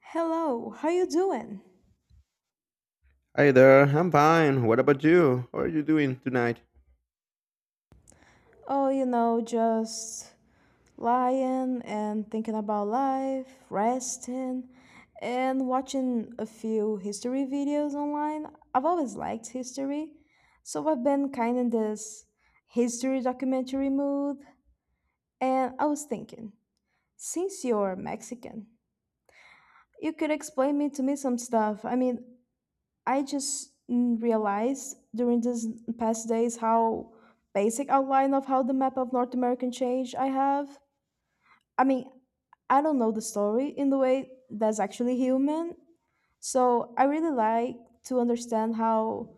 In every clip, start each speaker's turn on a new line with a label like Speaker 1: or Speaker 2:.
Speaker 1: Hello, how you doing?
Speaker 2: Hi there, I'm fine. What about you? How are you doing tonight?
Speaker 1: Oh, you know, just lying and thinking about life, resting, and watching a few history videos online. I've always liked history, so I've been kind in this history documentary mood, and I was thinking, since you're Mexican, you could explain me to me some stuff. I mean, I just realized during these past days how basic outline of how the map of North American change I have. I mean, I don't know the story in the way that's actually human. So I really like to understand how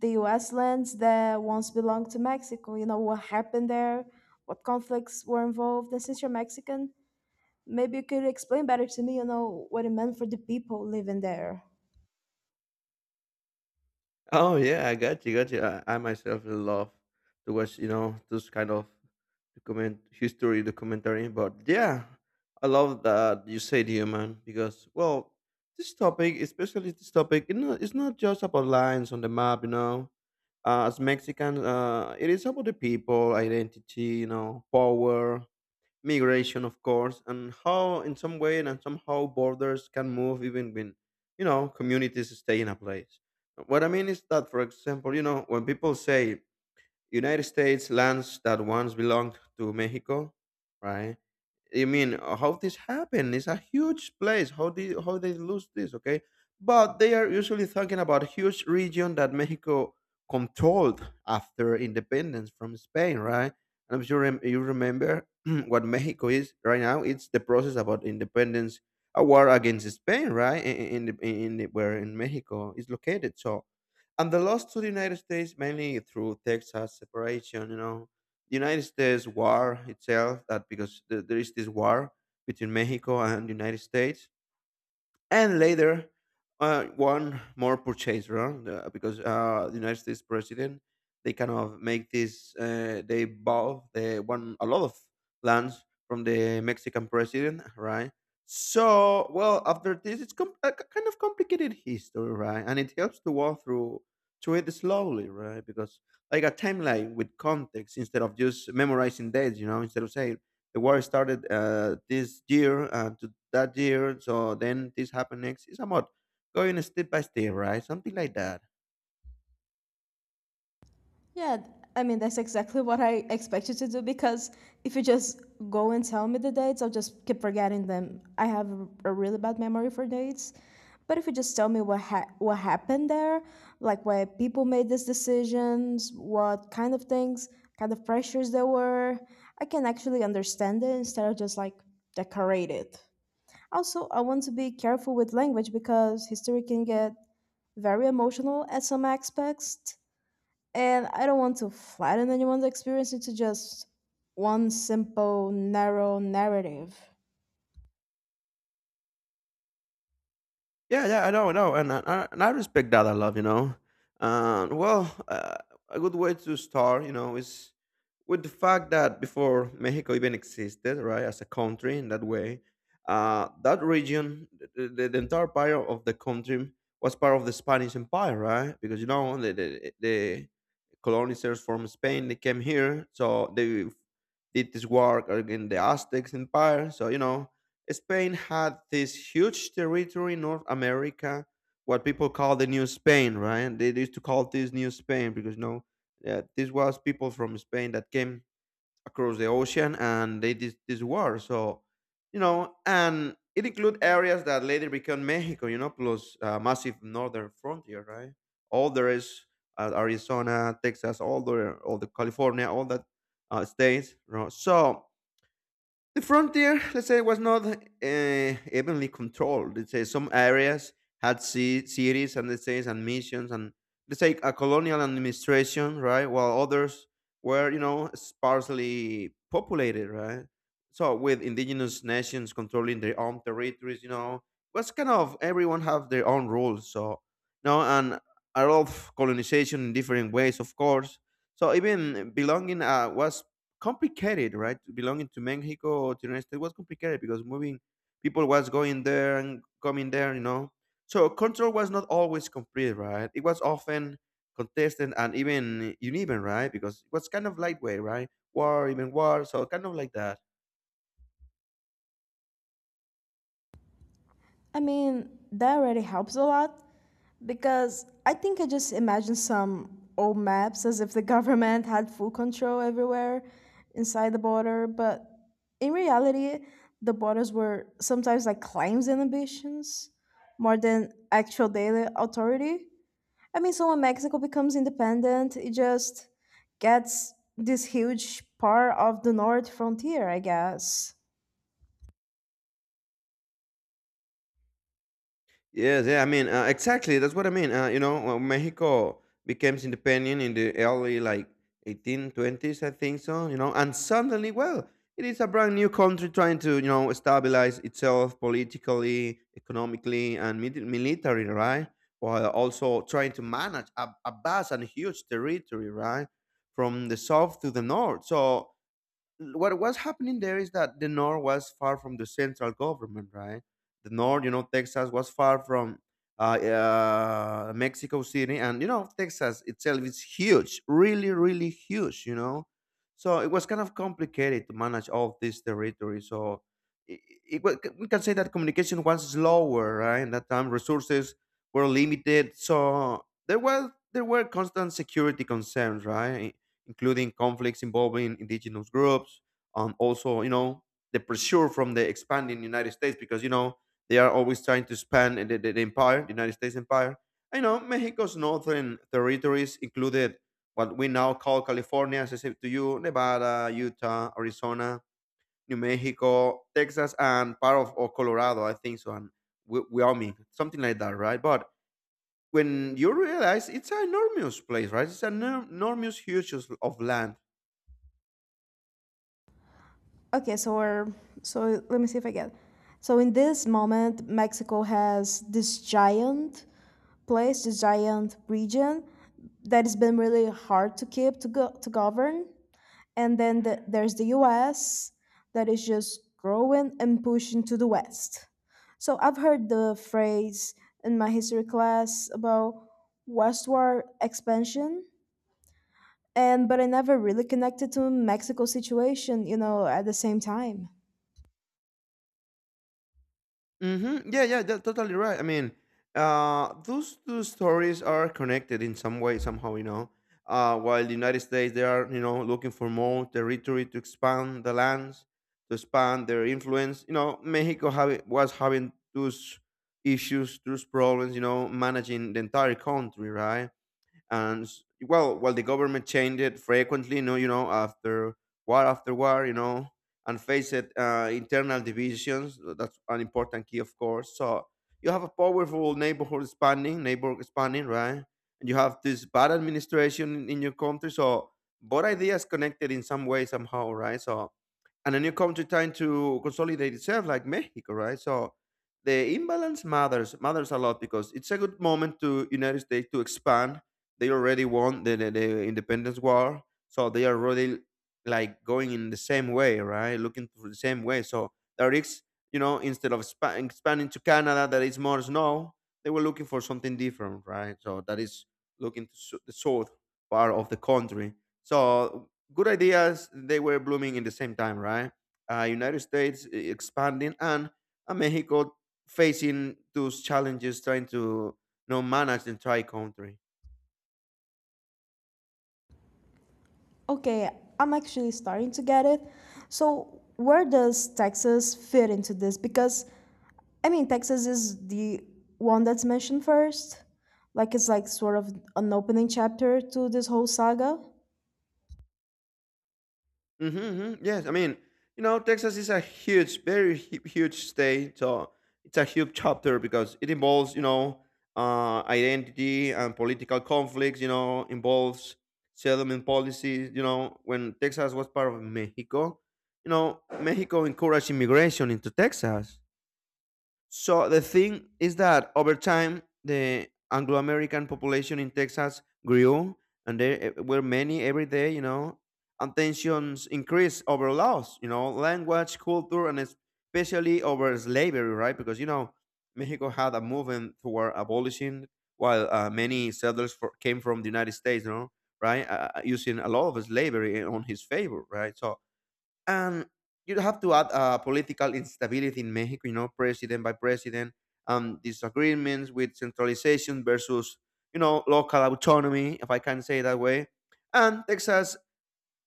Speaker 1: the US lands that once belonged to Mexico, you know, what happened there, what conflicts were involved. And since you're Mexican, maybe you could explain better to me, you know, what it meant for the people living there.
Speaker 2: Oh yeah, I got you. I myself love to watch, those kind of document history documentary. But yeah, I love that you said here, man, because well, this topic, especially this topic, it's not just about lines on the map. As Mexicans, it is about the people, identity, power, migration, of course, and how, in some way and somehow, borders can move even when, communities stay in a place. What I mean is that, for example, when people say United States lands that once belonged to Mexico, right? I mean, how this happened? It's a huge place. How they lose this? Okay, but they are usually talking about huge region that Mexico controlled after independence from Spain, right? And I'm sure you remember what Mexico is right now. It's the process about independence, a war against Spain, right? Where in Mexico is located. So and the loss to the United States, mainly through Texas separation. The United States war itself. That because there is this war between Mexico and the United States, and later, one more purchase round, because the United States president, they kind of make this they bought they won a lot of lands from the Mexican president, right? So well, after this it's kind of complicated history, right? And it helps to walk through to it slowly, right? Because like a timeline with context, instead of just memorizing dates, instead of saying the war started, this year and to that year, so then this happened next. It's about going step by step, right? Something like that.
Speaker 1: Yeah, th- I mean, that's exactly what I expected to do because if you just go and tell me the dates, I'll just keep forgetting them. I have a really bad memory for dates. But if you just tell me what happened there, like why people made these decisions, what kind of things, kind of pressures there were, I can actually understand it instead of just like decorate it. Also, I want to be careful with language because history can get very emotional at some aspects and I don't want to flatten anyone's experience into just one simple, narrow narrative.
Speaker 2: Yeah, yeah, I know, and I respect that a lot. And well, a good way to start, is with the fact that before Mexico even existed, right, as a country in that way, that region, the entire part of the country was part of the Spanish Empire, right? Because the the colonizers from Spain, they came here, so they did this work against the Aztecs Empire. So Spain had this huge territory in North America, what people call the New Spain, right? They used to call this New Spain because no, this was people from Spain that came across the ocean and they did this war. So, and it included areas that later became Mexico, plus massive northern frontier, right? All there is, Arizona, Texas, all the California, all that, states. You know? So the frontier, let's say, was not evenly controlled. Let's say some areas had cities, and let's say and missions, and let's say a colonial administration, right? While others were, sparsely populated, right? So with indigenous nations controlling their own territories, was kind of everyone have their own rules. So no, and a lot of colonization in different ways, of course. So even belonging, was complicated, right? Belonging to Mexico or to the United States was complicated, because moving people was going there and coming there. So control was not always complete, right? It was often contested and even uneven, right? Because it was kind of lightweight, right? War, even war, so kind of like that.
Speaker 1: I mean, that already helps a lot because I think I just imagine some old maps as if the government had full control everywhere inside the border, but in reality, the borders were sometimes like claims and ambitions more than actual daily authority. I mean, so when Mexico becomes independent, it just gets this huge part of the north frontier, I guess.
Speaker 2: Yes, yeah, I mean, exactly. That's what I mean. Mexico became independent in the early, like 1820s, I think so. And suddenly, well, it is a brand new country trying to stabilize itself politically, economically, and military, right? While also trying to manage a vast and huge territory, right, from the south to the north. So what was happening there is that the north was far from the central government, right? The north, Texas was far from Mexico City, and Texas itself is huge, really, really huge. So it was kind of complicated to manage all this territory. So it, we can say that communication was slower, right? In that time, resources were limited, so there were constant security concerns, right? Including conflicts involving indigenous groups, and also, the pressure from the expanding United States because, they are always trying to expand the empire, the United States empire. I know Mexico's northern territories included what we now call California, as I said to you, Nevada, Utah, Arizona, New Mexico, Texas, and part of or Colorado, I think so, and Wyoming, something like that, right? But when you realize it's an enormous place, right? It's an enormous huge of land.
Speaker 1: Okay, so we're, so let me see if I get. So in this moment, Mexico has this giant place, this giant region that has been really hard to keep to go to govern. And then there's the US that is just growing and pushing to the West. So I've heard the phrase in my history class about westward expansion and but I never really connected to Mexico situation, you know, at the same time.
Speaker 2: Mm-hmm. Yeah, yeah, that's totally right. I mean, those two stories are connected in some way, somehow. While the United States, they are, looking for more territory, to expand the lands, to expand their influence. Mexico have was having those issues, those problems, managing the entire country, right? and s- well, well, the government changed it frequently. After war after war, and face it, internal divisions. That's an important key, of course. So you have a powerful neighbor expanding, right? And you have this bad administration in your country. So both ideas connected in some way, somehow, right? So and a new country trying to consolidate itself like Mexico, right? So the imbalance matters a lot, because it's a good moment to United States to expand. They already won the independence war, so they are really like going in the same way, right? Looking for the same way. So there is, instead of expanding to Canada, that is more snow. They were looking for something different, right? So that is looking to the south part of the country. So good ideas, they were blooming in the same time, right? United States, expanding, and Mexico facing those challenges, trying to manage the entire country.
Speaker 1: Okay, I'm actually starting to get it. So where does Texas fit into this? Because I mean, Texas is the one that's mentioned first. Like it's like sort of an opening chapter to this whole saga.
Speaker 2: Hmm. Yes, I mean, Texas is a huge, very huge state. So it's a huge chapter because it involves, identity and political conflicts. Involves settlement policies. When Texas was part of Mexico, Mexico encouraged immigration into Texas. So the thing is that over time, the Anglo American population in Texas grew, and there, were many every day, and tensions increased over laws, language, culture, and especially over slavery, right? Because, Mexico had a movement toward abolishing, while many settlers came from the United States, right? Using a lot of slavery on his favor, right? So and you have to add political instability in Mexico, president by president, disagreements with centralization versus, local autonomy, if I can say it that way. And Texas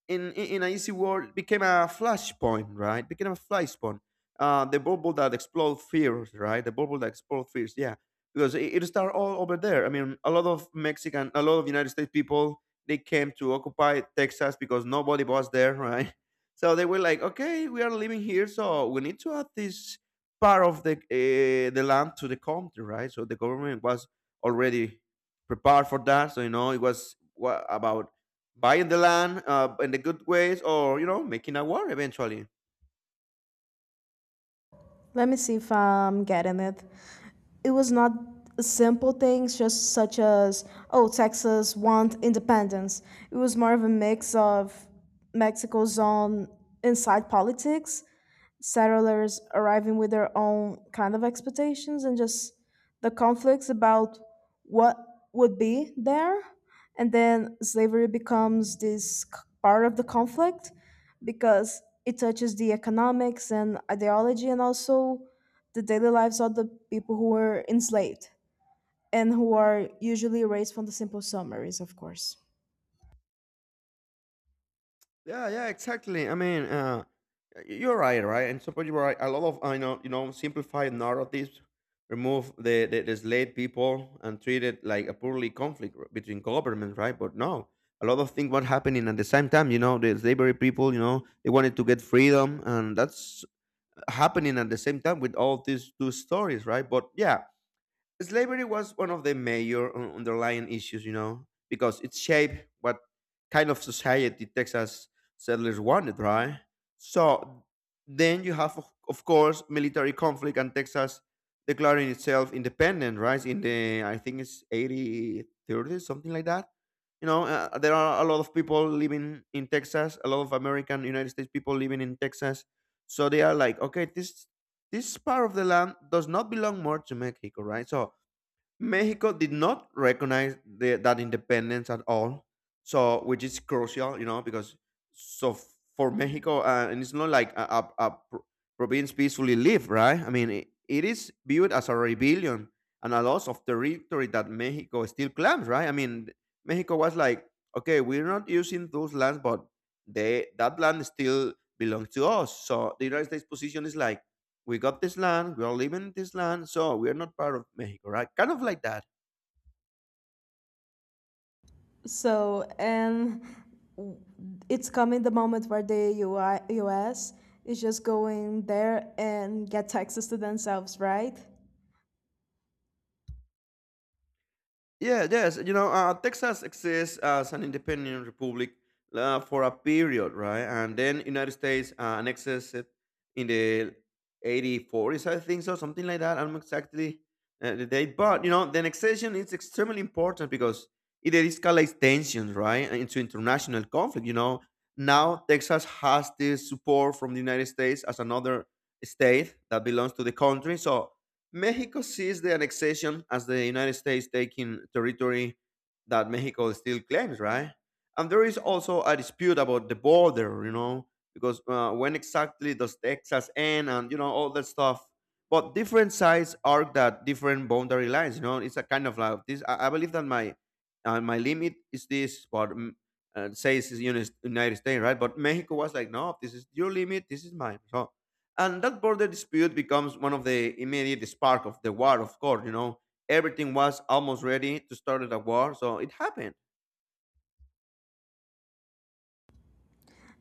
Speaker 2: in a easy world became a flashpoint, right? Became a flashpoint. The bubble that explode fears, right? The bubble that explode fears, yeah. Because it started all over there. I mean, a lot of Mexican, a lot of United States people, they came to occupy Texas because nobody was there, right? So they were like, okay, we are living here, so we need to add this part of the land to the country, right? So the government was already prepared for that. So it was what, about buying the land, in the good ways, or making a war eventually.
Speaker 1: Let me see if I'm getting it. It was not simple things, just such as, oh, Texas want independence. It was more of a mix of Mexico's own inside politics settlers arriving with their own kind of expectations and just the conflicts about what would be there and then slavery becomes this part of the conflict because it touches the economics and ideology and also the daily lives of the people who were enslaved and who are usually erased from the simple summaries of course.
Speaker 2: Yeah, yeah, exactly. I mean, you're right. And some people are right, a lot of. I know You know, simplify narratives, remove the slave people, and treat it like a purely conflict, between governments, right? But no, a lot of things were happening at the same time. The slavery people, they wanted to get freedom, and that's happening at the same time with all these two stories, right? But yeah, slavery was one of the major underlying issues, because it shaped what kind of society Texas settlers wanted, right? So then you have, of course, military conflict, and Texas declaring itself independent, right? In the, I think it's 80s, something like that. There are a lot of people living in Texas, a lot of American United States people living in Texas. So they are like, okay, this part of the land does not belong more to Mexico, right? So Mexico did not recognize that independence at all, so which is crucial, you know, because so f- for Mexico, and it's not like a province peacefully live, right? I mean, it is viewed as a rebellion and a loss of territory that Mexico still claims, right? I mean, Mexico was like, okay, we're not using those lands, but they that land still belongs to us. So the United States position is like we got this land, we are living in this land, so we are not part of Mexico, right? Kind of like that.
Speaker 1: So, and it's coming the moment where the U. I. U. S. is just going there and get taxes to themselves, right?
Speaker 2: Yeah, yes. You know, Texas exists as an independent republic for a period, right? And then United States annexes it in the 84s, I think so, something like that. I don't know exactly the date. But, you know, the annexation is extremely important because it escalates tensions, right, into international conflict. You know, now Texas has this support from the United States as another state that belongs to the country. So Mexico sees the annexation as the United States taking territory that Mexico still claims, right? And there is also a dispute about the border, you know, because when exactly does Texas end and, you know, all that stuff. But different sides arc that different boundary lines, you know, it's a kind of like this. I believe that my my limit is this, but says it's United States, right? But Mexico was like, no, this is your limit, this is mine. So and that border dispute becomes one of the immediate spark of the war, of course, you know. Everything was almost ready to start a war, so it happened.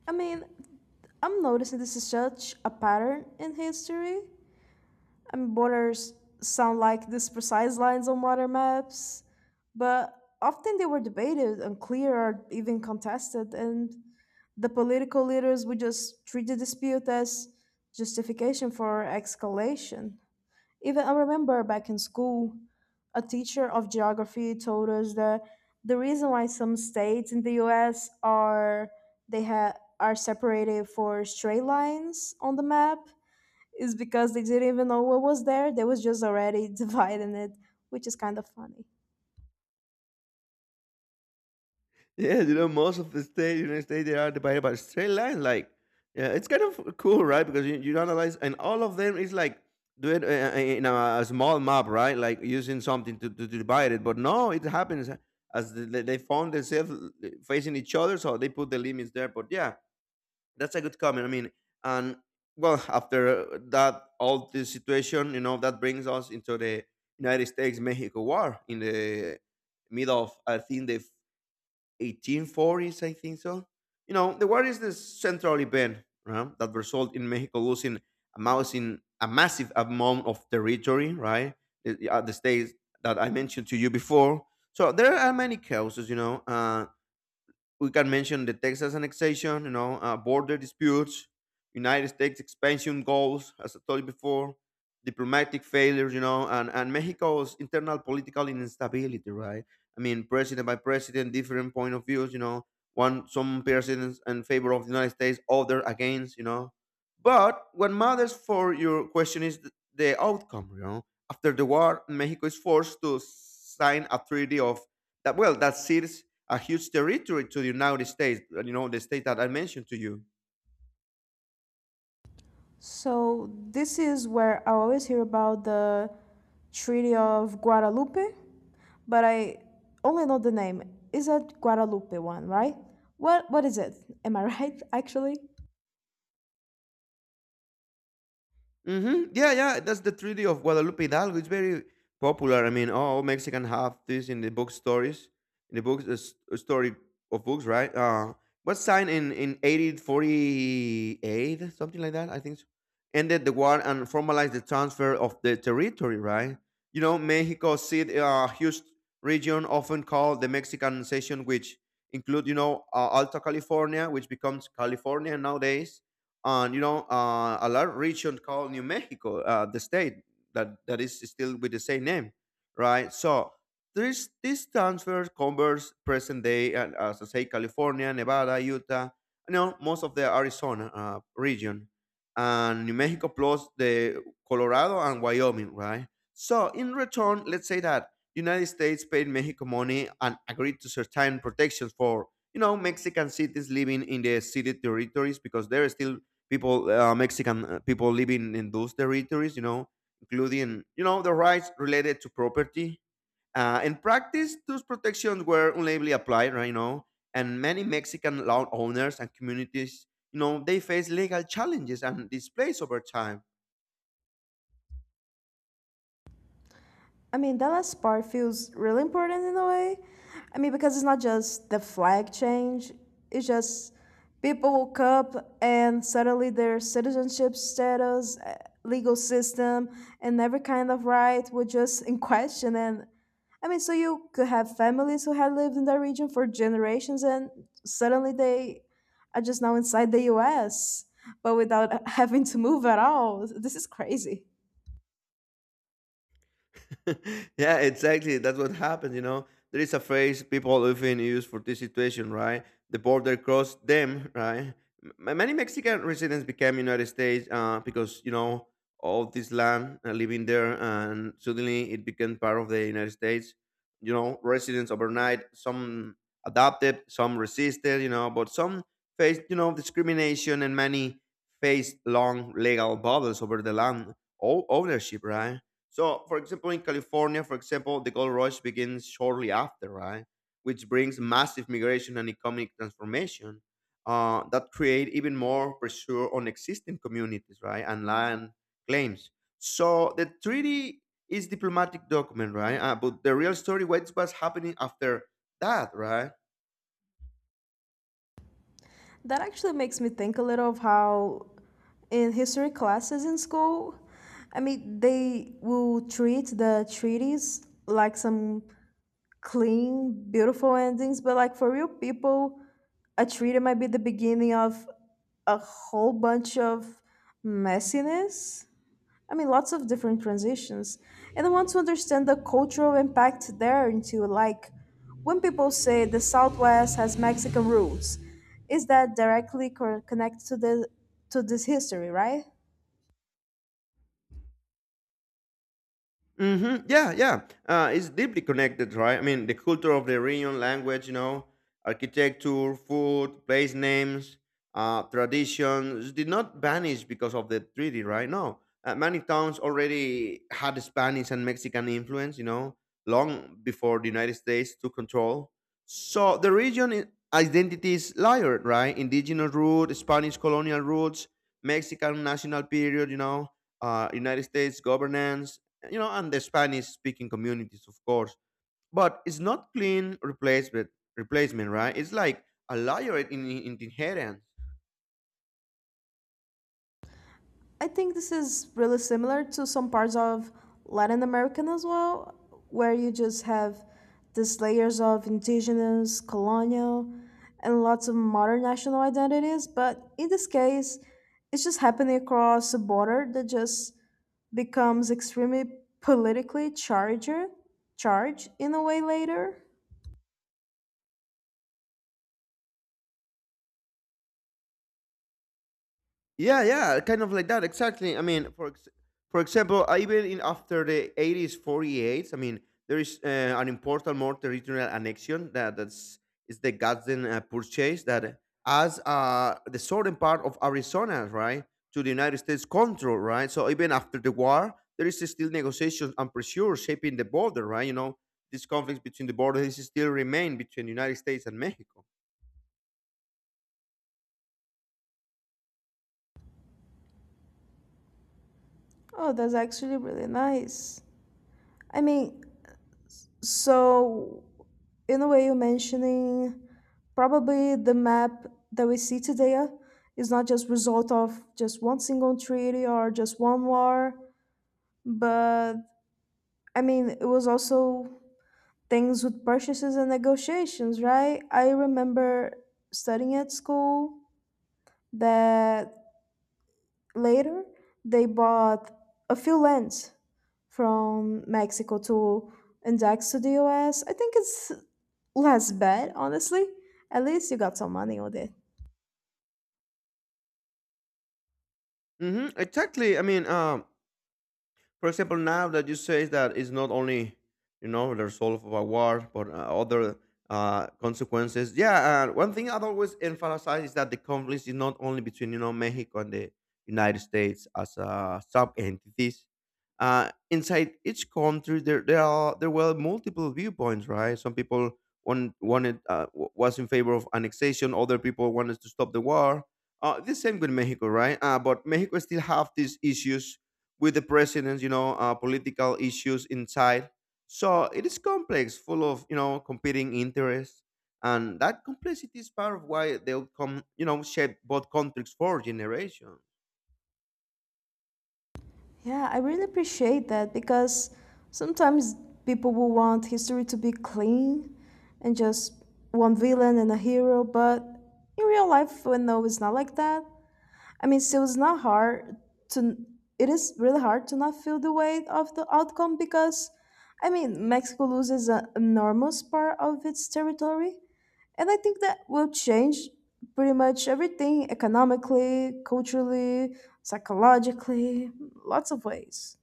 Speaker 1: I mean, I'm noticing this is such a pattern in history. I mean, borders sound like these precise lines on water maps, but often they were debated, unclear, or even contested, and the political leaders would just treat the dispute as justification for escalation. Even I remember back in school, a teacher of geography told us that the reason why some states in the US are they have are separated for straight lines on the map is because they didn't even know what was there. They was just already dividing it, which is kind of funny.
Speaker 2: Yeah, you know, most of the state, United States, they are divided by straight lines. Like, yeah, it's kind of cool, right? Because you analyze, and all of them is like do it in a small map, right? Like using something to divide it. But no, it happens as they found themselves facing each other, so they put the limits there. But yeah, that's a good comment. I mean, and well, after that, all this situation, you know, that brings us into the United States Mexico War in the middle of, I think, the 1840s, I think so. You know, the war is the central event right, that result in Mexico losing a massive amount of territory, right? The states that I mentioned to you before. So there are many causes, you know. We can mention the Texas annexation, you know, border disputes, United States expansion goals, as I told you before, diplomatic failures, you know, and Mexico's internal political instability, right? I mean, president by president, different point of views, you know, one some presidents in favor of the United States, other against, you know. But what matters for your question is the outcome, you know. After the war, Mexico is forced to sign a treaty of that seals a huge territory to the United States, you know, the state that I mentioned to you.
Speaker 1: So this is where I always hear about the Treaty of Guadalupe, but I only know the name. Is that Guadalupe one, right? What is it? Am I right actually?
Speaker 2: Mm-hmm. Yeah, yeah. That's the Treaty of Guadalupe Hidalgo. It's very popular. I mean, all Mexican have this in the book stories, in the books, story of books, right? Was signed in 1848, something like that. I think so. Ended the war and formalized the transfer of the territory, right? You know, Mexico seat a huge region often called the Mexican Session, which include you know Alta California, which becomes California nowadays and you know a large region called New Mexico, the state that is still with the same name, right? So there's this transfer covers present day, as I say, California, Nevada, Utah, you know, most of the Arizona region, and New Mexico plus the Colorado and Wyoming, right? So in return, let's say that United States paid Mexico money and agreed to certain protections for you know Mexican cities living in the city territories because they're still people mexican people living in those territories, you know, including you know the rights related to property. In practice those protections were unlably applied, right, you know, and many mexican landowners and communities, you know, they face legal challenges and displays over time.
Speaker 1: I mean, that last part feels really important in a way. I mean, because it's not just the flag change, it's just people woke up and suddenly their citizenship status, legal system, and every kind of right were just in question. And I mean, so you could have families who had lived in that region for generations and suddenly they are just now inside the US, but without having to move at all. This is crazy.
Speaker 2: Yeah, exactly. That's what happened, you know. There is a phrase people often use for this situation, right? The border crossed them, right? Many Mexican residents became United States because, you know, all this land living there and suddenly it became part of the United States. You know, residents overnight, some adopted, some resisted, you know, but some faced, you know, discrimination and many faced long legal battles over the land ownership, right? So, for example, in California, for example, the gold rush begins shortly after, right? Which brings massive migration and economic transformation that create even more pressure on existing communities, right? And land claims. So the treaty is diplomatic document, right? But the real story, what was happening after that, right?
Speaker 1: That actually makes me think a little of how in history classes in school, I mean, they will treat the treaties like some clean, beautiful endings, but like for real people, a treaty might be the beginning of a whole bunch of messiness. I mean, lots of different transitions. And I want to understand the cultural impact there into like when people say the Southwest has Mexican roots, is that directly connected to the to this history, right?
Speaker 2: Hmm, yeah, yeah. It's deeply connected, right? I mean, the culture of the region, language, you know, architecture, food, place names, traditions did not vanish because of the treaty, right? No. Many towns already had Spanish and Mexican influence, you know, long before the United States took control. So the region identity is layered, right? Indigenous root, Spanish colonial roots, Mexican national period, you know, United States governance, you know, and the Spanish speaking communities, of course. But it's not clean replacement, replacement, right? It's like a layer in inheritance.
Speaker 1: I think this is really similar to some parts of Latin American as well, where you just have these layers of indigenous, colonial, and lots of modern national identities. But in this case, it's just happening across a border that just becomes extremely politically charged, charged in a way later.
Speaker 2: Yeah, yeah, kind of like that. Exactly. I mean, for example, even in after the 80s, 48s, I mean, there is an important more territorial annexion that's is the Gadsden purchase that as the southern part of Arizona, right, to the United States control, right. So even after the war, there is still negotiations and pressure shaping the border, right. You know, these conflicts between the borders still remain between the United States and Mexico.
Speaker 1: Oh, that's actually really nice. I mean, so in a way you're mentioning, probably the map that we see today is not just result of just one single treaty or just one war, but I mean it was also things with purchases and negotiations, right? I remember studying at school that later, they bought a few lands from Mexico to index to the US. I think it's less bad, honestly. At least you got some money with it.
Speaker 2: Hmm, exactly. I mean, for example, now that you say that it's not only you know the result of a war, but other consequences. Yeah, one thing I'd always emphasize is that the conflict is not only between you know Mexico and the United States as sub entities. Inside each country, there were multiple viewpoints, right? Some people one wanted was in favor of annexation, other people wanted to stop the war. The same with Mexico, right? But Mexico still have these issues with the presidents, you know, political issues inside. So it is complex, full of you know competing interests, and that complexity is part of why the outcome, you know, shaped both countries for generations.
Speaker 1: Yeah, I really appreciate that because sometimes people will want history to be clean and just one villain and a hero, but in real life, we know it's not like that. I mean, so it's not hard to, it is really hard to not feel the weight of the outcome because, I mean, Mexico loses an enormous part of its territory. And I think that will change pretty much everything economically, culturally, psychologically, lots of ways.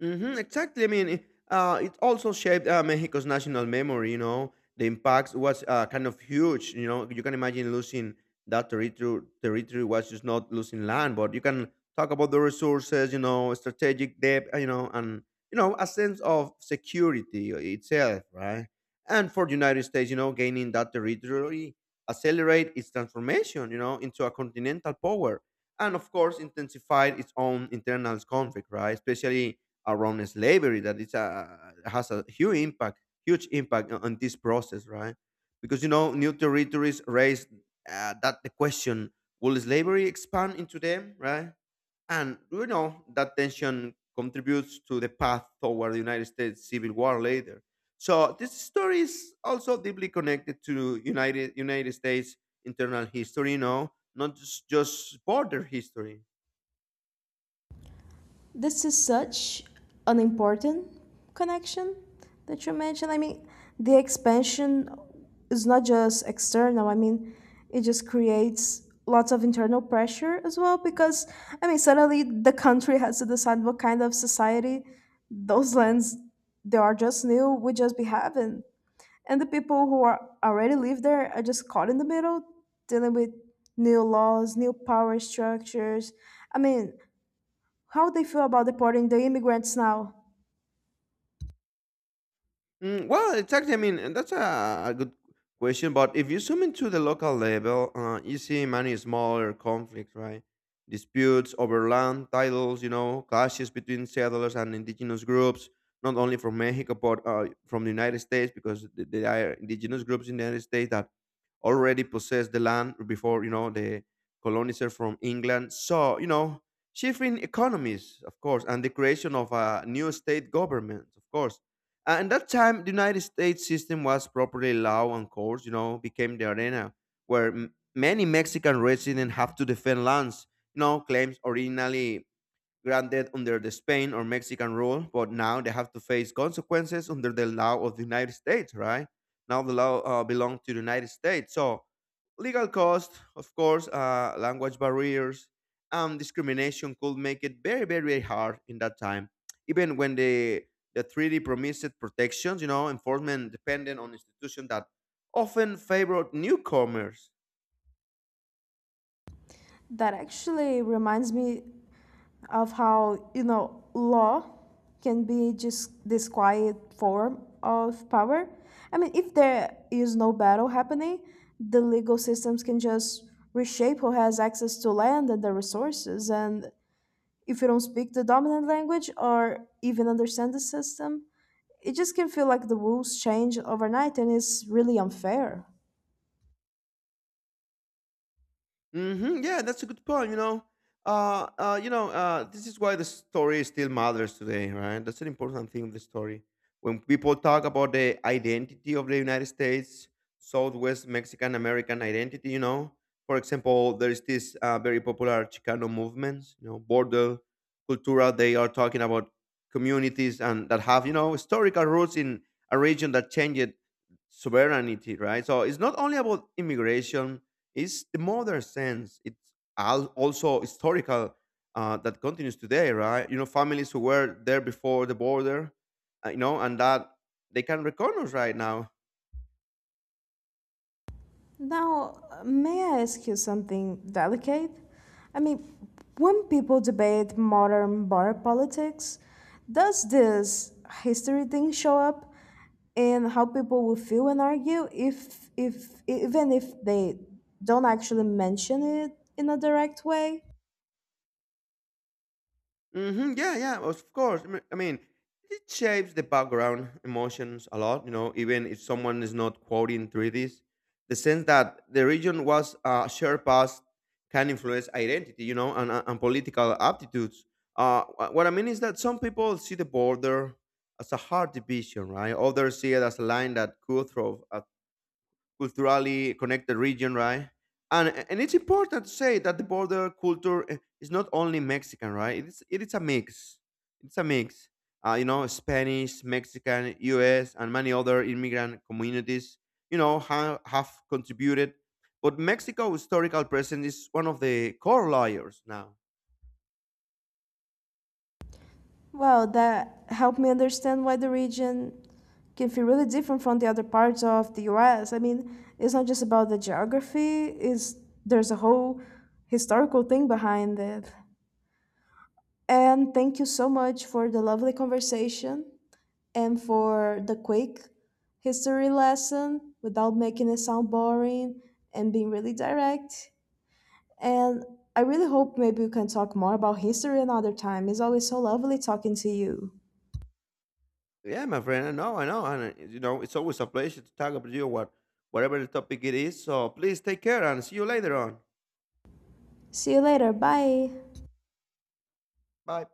Speaker 2: Hmm, exactly. I mean, it also shaped Mexico's national memory. You know, the impact was kind of huge. You know, you can imagine losing that territory. Territory was just not losing land, but you can talk about the resources. You know, strategic depth. You know, and you know a sense of security itself, right? And for the United States, you know, gaining that territory accelerate its transformation. You know, into a continental power. And of course, intensified its own internal conflict, right? Especially around slavery that it's a has a huge impact on this process, right? Because you know, new territories raised that the question: will slavery expand into them, right? And you know that tension contributes to the path toward the United States Civil War later. So this story is also deeply connected to United States internal history, you know, not just border history.
Speaker 1: This is such an important connection that you mentioned. I mean, the expansion is not just external. I mean, it just creates lots of internal pressure as well because, I mean, suddenly the country has to decide what kind of society those lands they are just new would just be having. And the people who are already live there are just caught in the middle, dealing with new laws, new power structures. I mean, how they feel about deporting the immigrants now.
Speaker 2: Mm, well, exactly. I mean, that's a good question. But if you zoom into the local level, you see many smaller conflicts, right? Disputes over land titles, you know, clashes between settlers and indigenous groups, not only from Mexico, but from the United States, because th- there are indigenous groups in the United States that already possessed the land before, you know, the colonizer from England. So, you know, shifting economies, of course, and the creation of a new state government, of course. And that time, the United States system was properly law and courts, you know, became the arena where many Mexican residents have to defend lands, you know, claims originally granted under the Spain or Mexican rule, but now they have to face consequences under the law of the United States, right? Now the law belongs to the United States. So legal costs, of course, language barriers, and discrimination could make it very, very, very hard in that time. Even when the treaty promised protections, you know, enforcement dependent on institutions that often favored newcomers.
Speaker 1: That actually reminds me of how, you know, law can be just this quiet form of power. I mean, if there is no battle happening, the legal systems can just reshape who has access to land and the resources. And if you don't speak the dominant language or even understand the system, it just can feel like the rules change overnight and it's really unfair.
Speaker 2: Hmm, yeah, that's a good point. You know, this is why the story still matters today, right? That's an important thing of the story. When people talk about the identity of the United States, Southwest Mexican American identity, you know, for example, there is this very popular Chicano movements, you know, border cultura. They are talking about communities and that have, you know, historical roots in a region that changed sovereignty, right? So it's not only about immigration is the modern sense. It's also historical that continues today, right? You know, families who were there before the border, you know, and that they can recognize right now.
Speaker 1: Now, may I ask you something delicate? I mean, when people debate modern border politics, does this history thing show up in how people will feel and argue if even if they don't actually mention it in a direct way?
Speaker 2: Hmm, yeah, yeah, of course. I mean, it shapes the background emotions a lot. You know, even if someone is not quoting treaties, the sense that the region was a shared past can influence identity. You know, and political aptitudes. What I mean is that some people see the border as a hard division, right? Others see it as a line that could throw culturally connected region, right? And it's important to say that the border culture is not only Mexican, right? It's it is a mix. It's a mix. You know, Spanish, Mexican, U.S., and many other immigrant communities, you know, have contributed. But Mexico's historical presence is one of the core layers now.
Speaker 1: Well, that helped me understand why the region can feel really different from the other parts of the US. I mean, it's not just about the geography, it's, there's a whole historical thing behind it. And thank you so much for the lovely conversation and for the quick history lesson without making it sound boring and being really direct. And I really hope maybe we can talk more about history another time. It's always so lovely talking to you.
Speaker 2: Yeah, my friend, I know, and you know, it's always a pleasure to talk about you. Whatever the topic it is. So please take care and see you later on.
Speaker 1: See you later. Bye.
Speaker 2: Bye.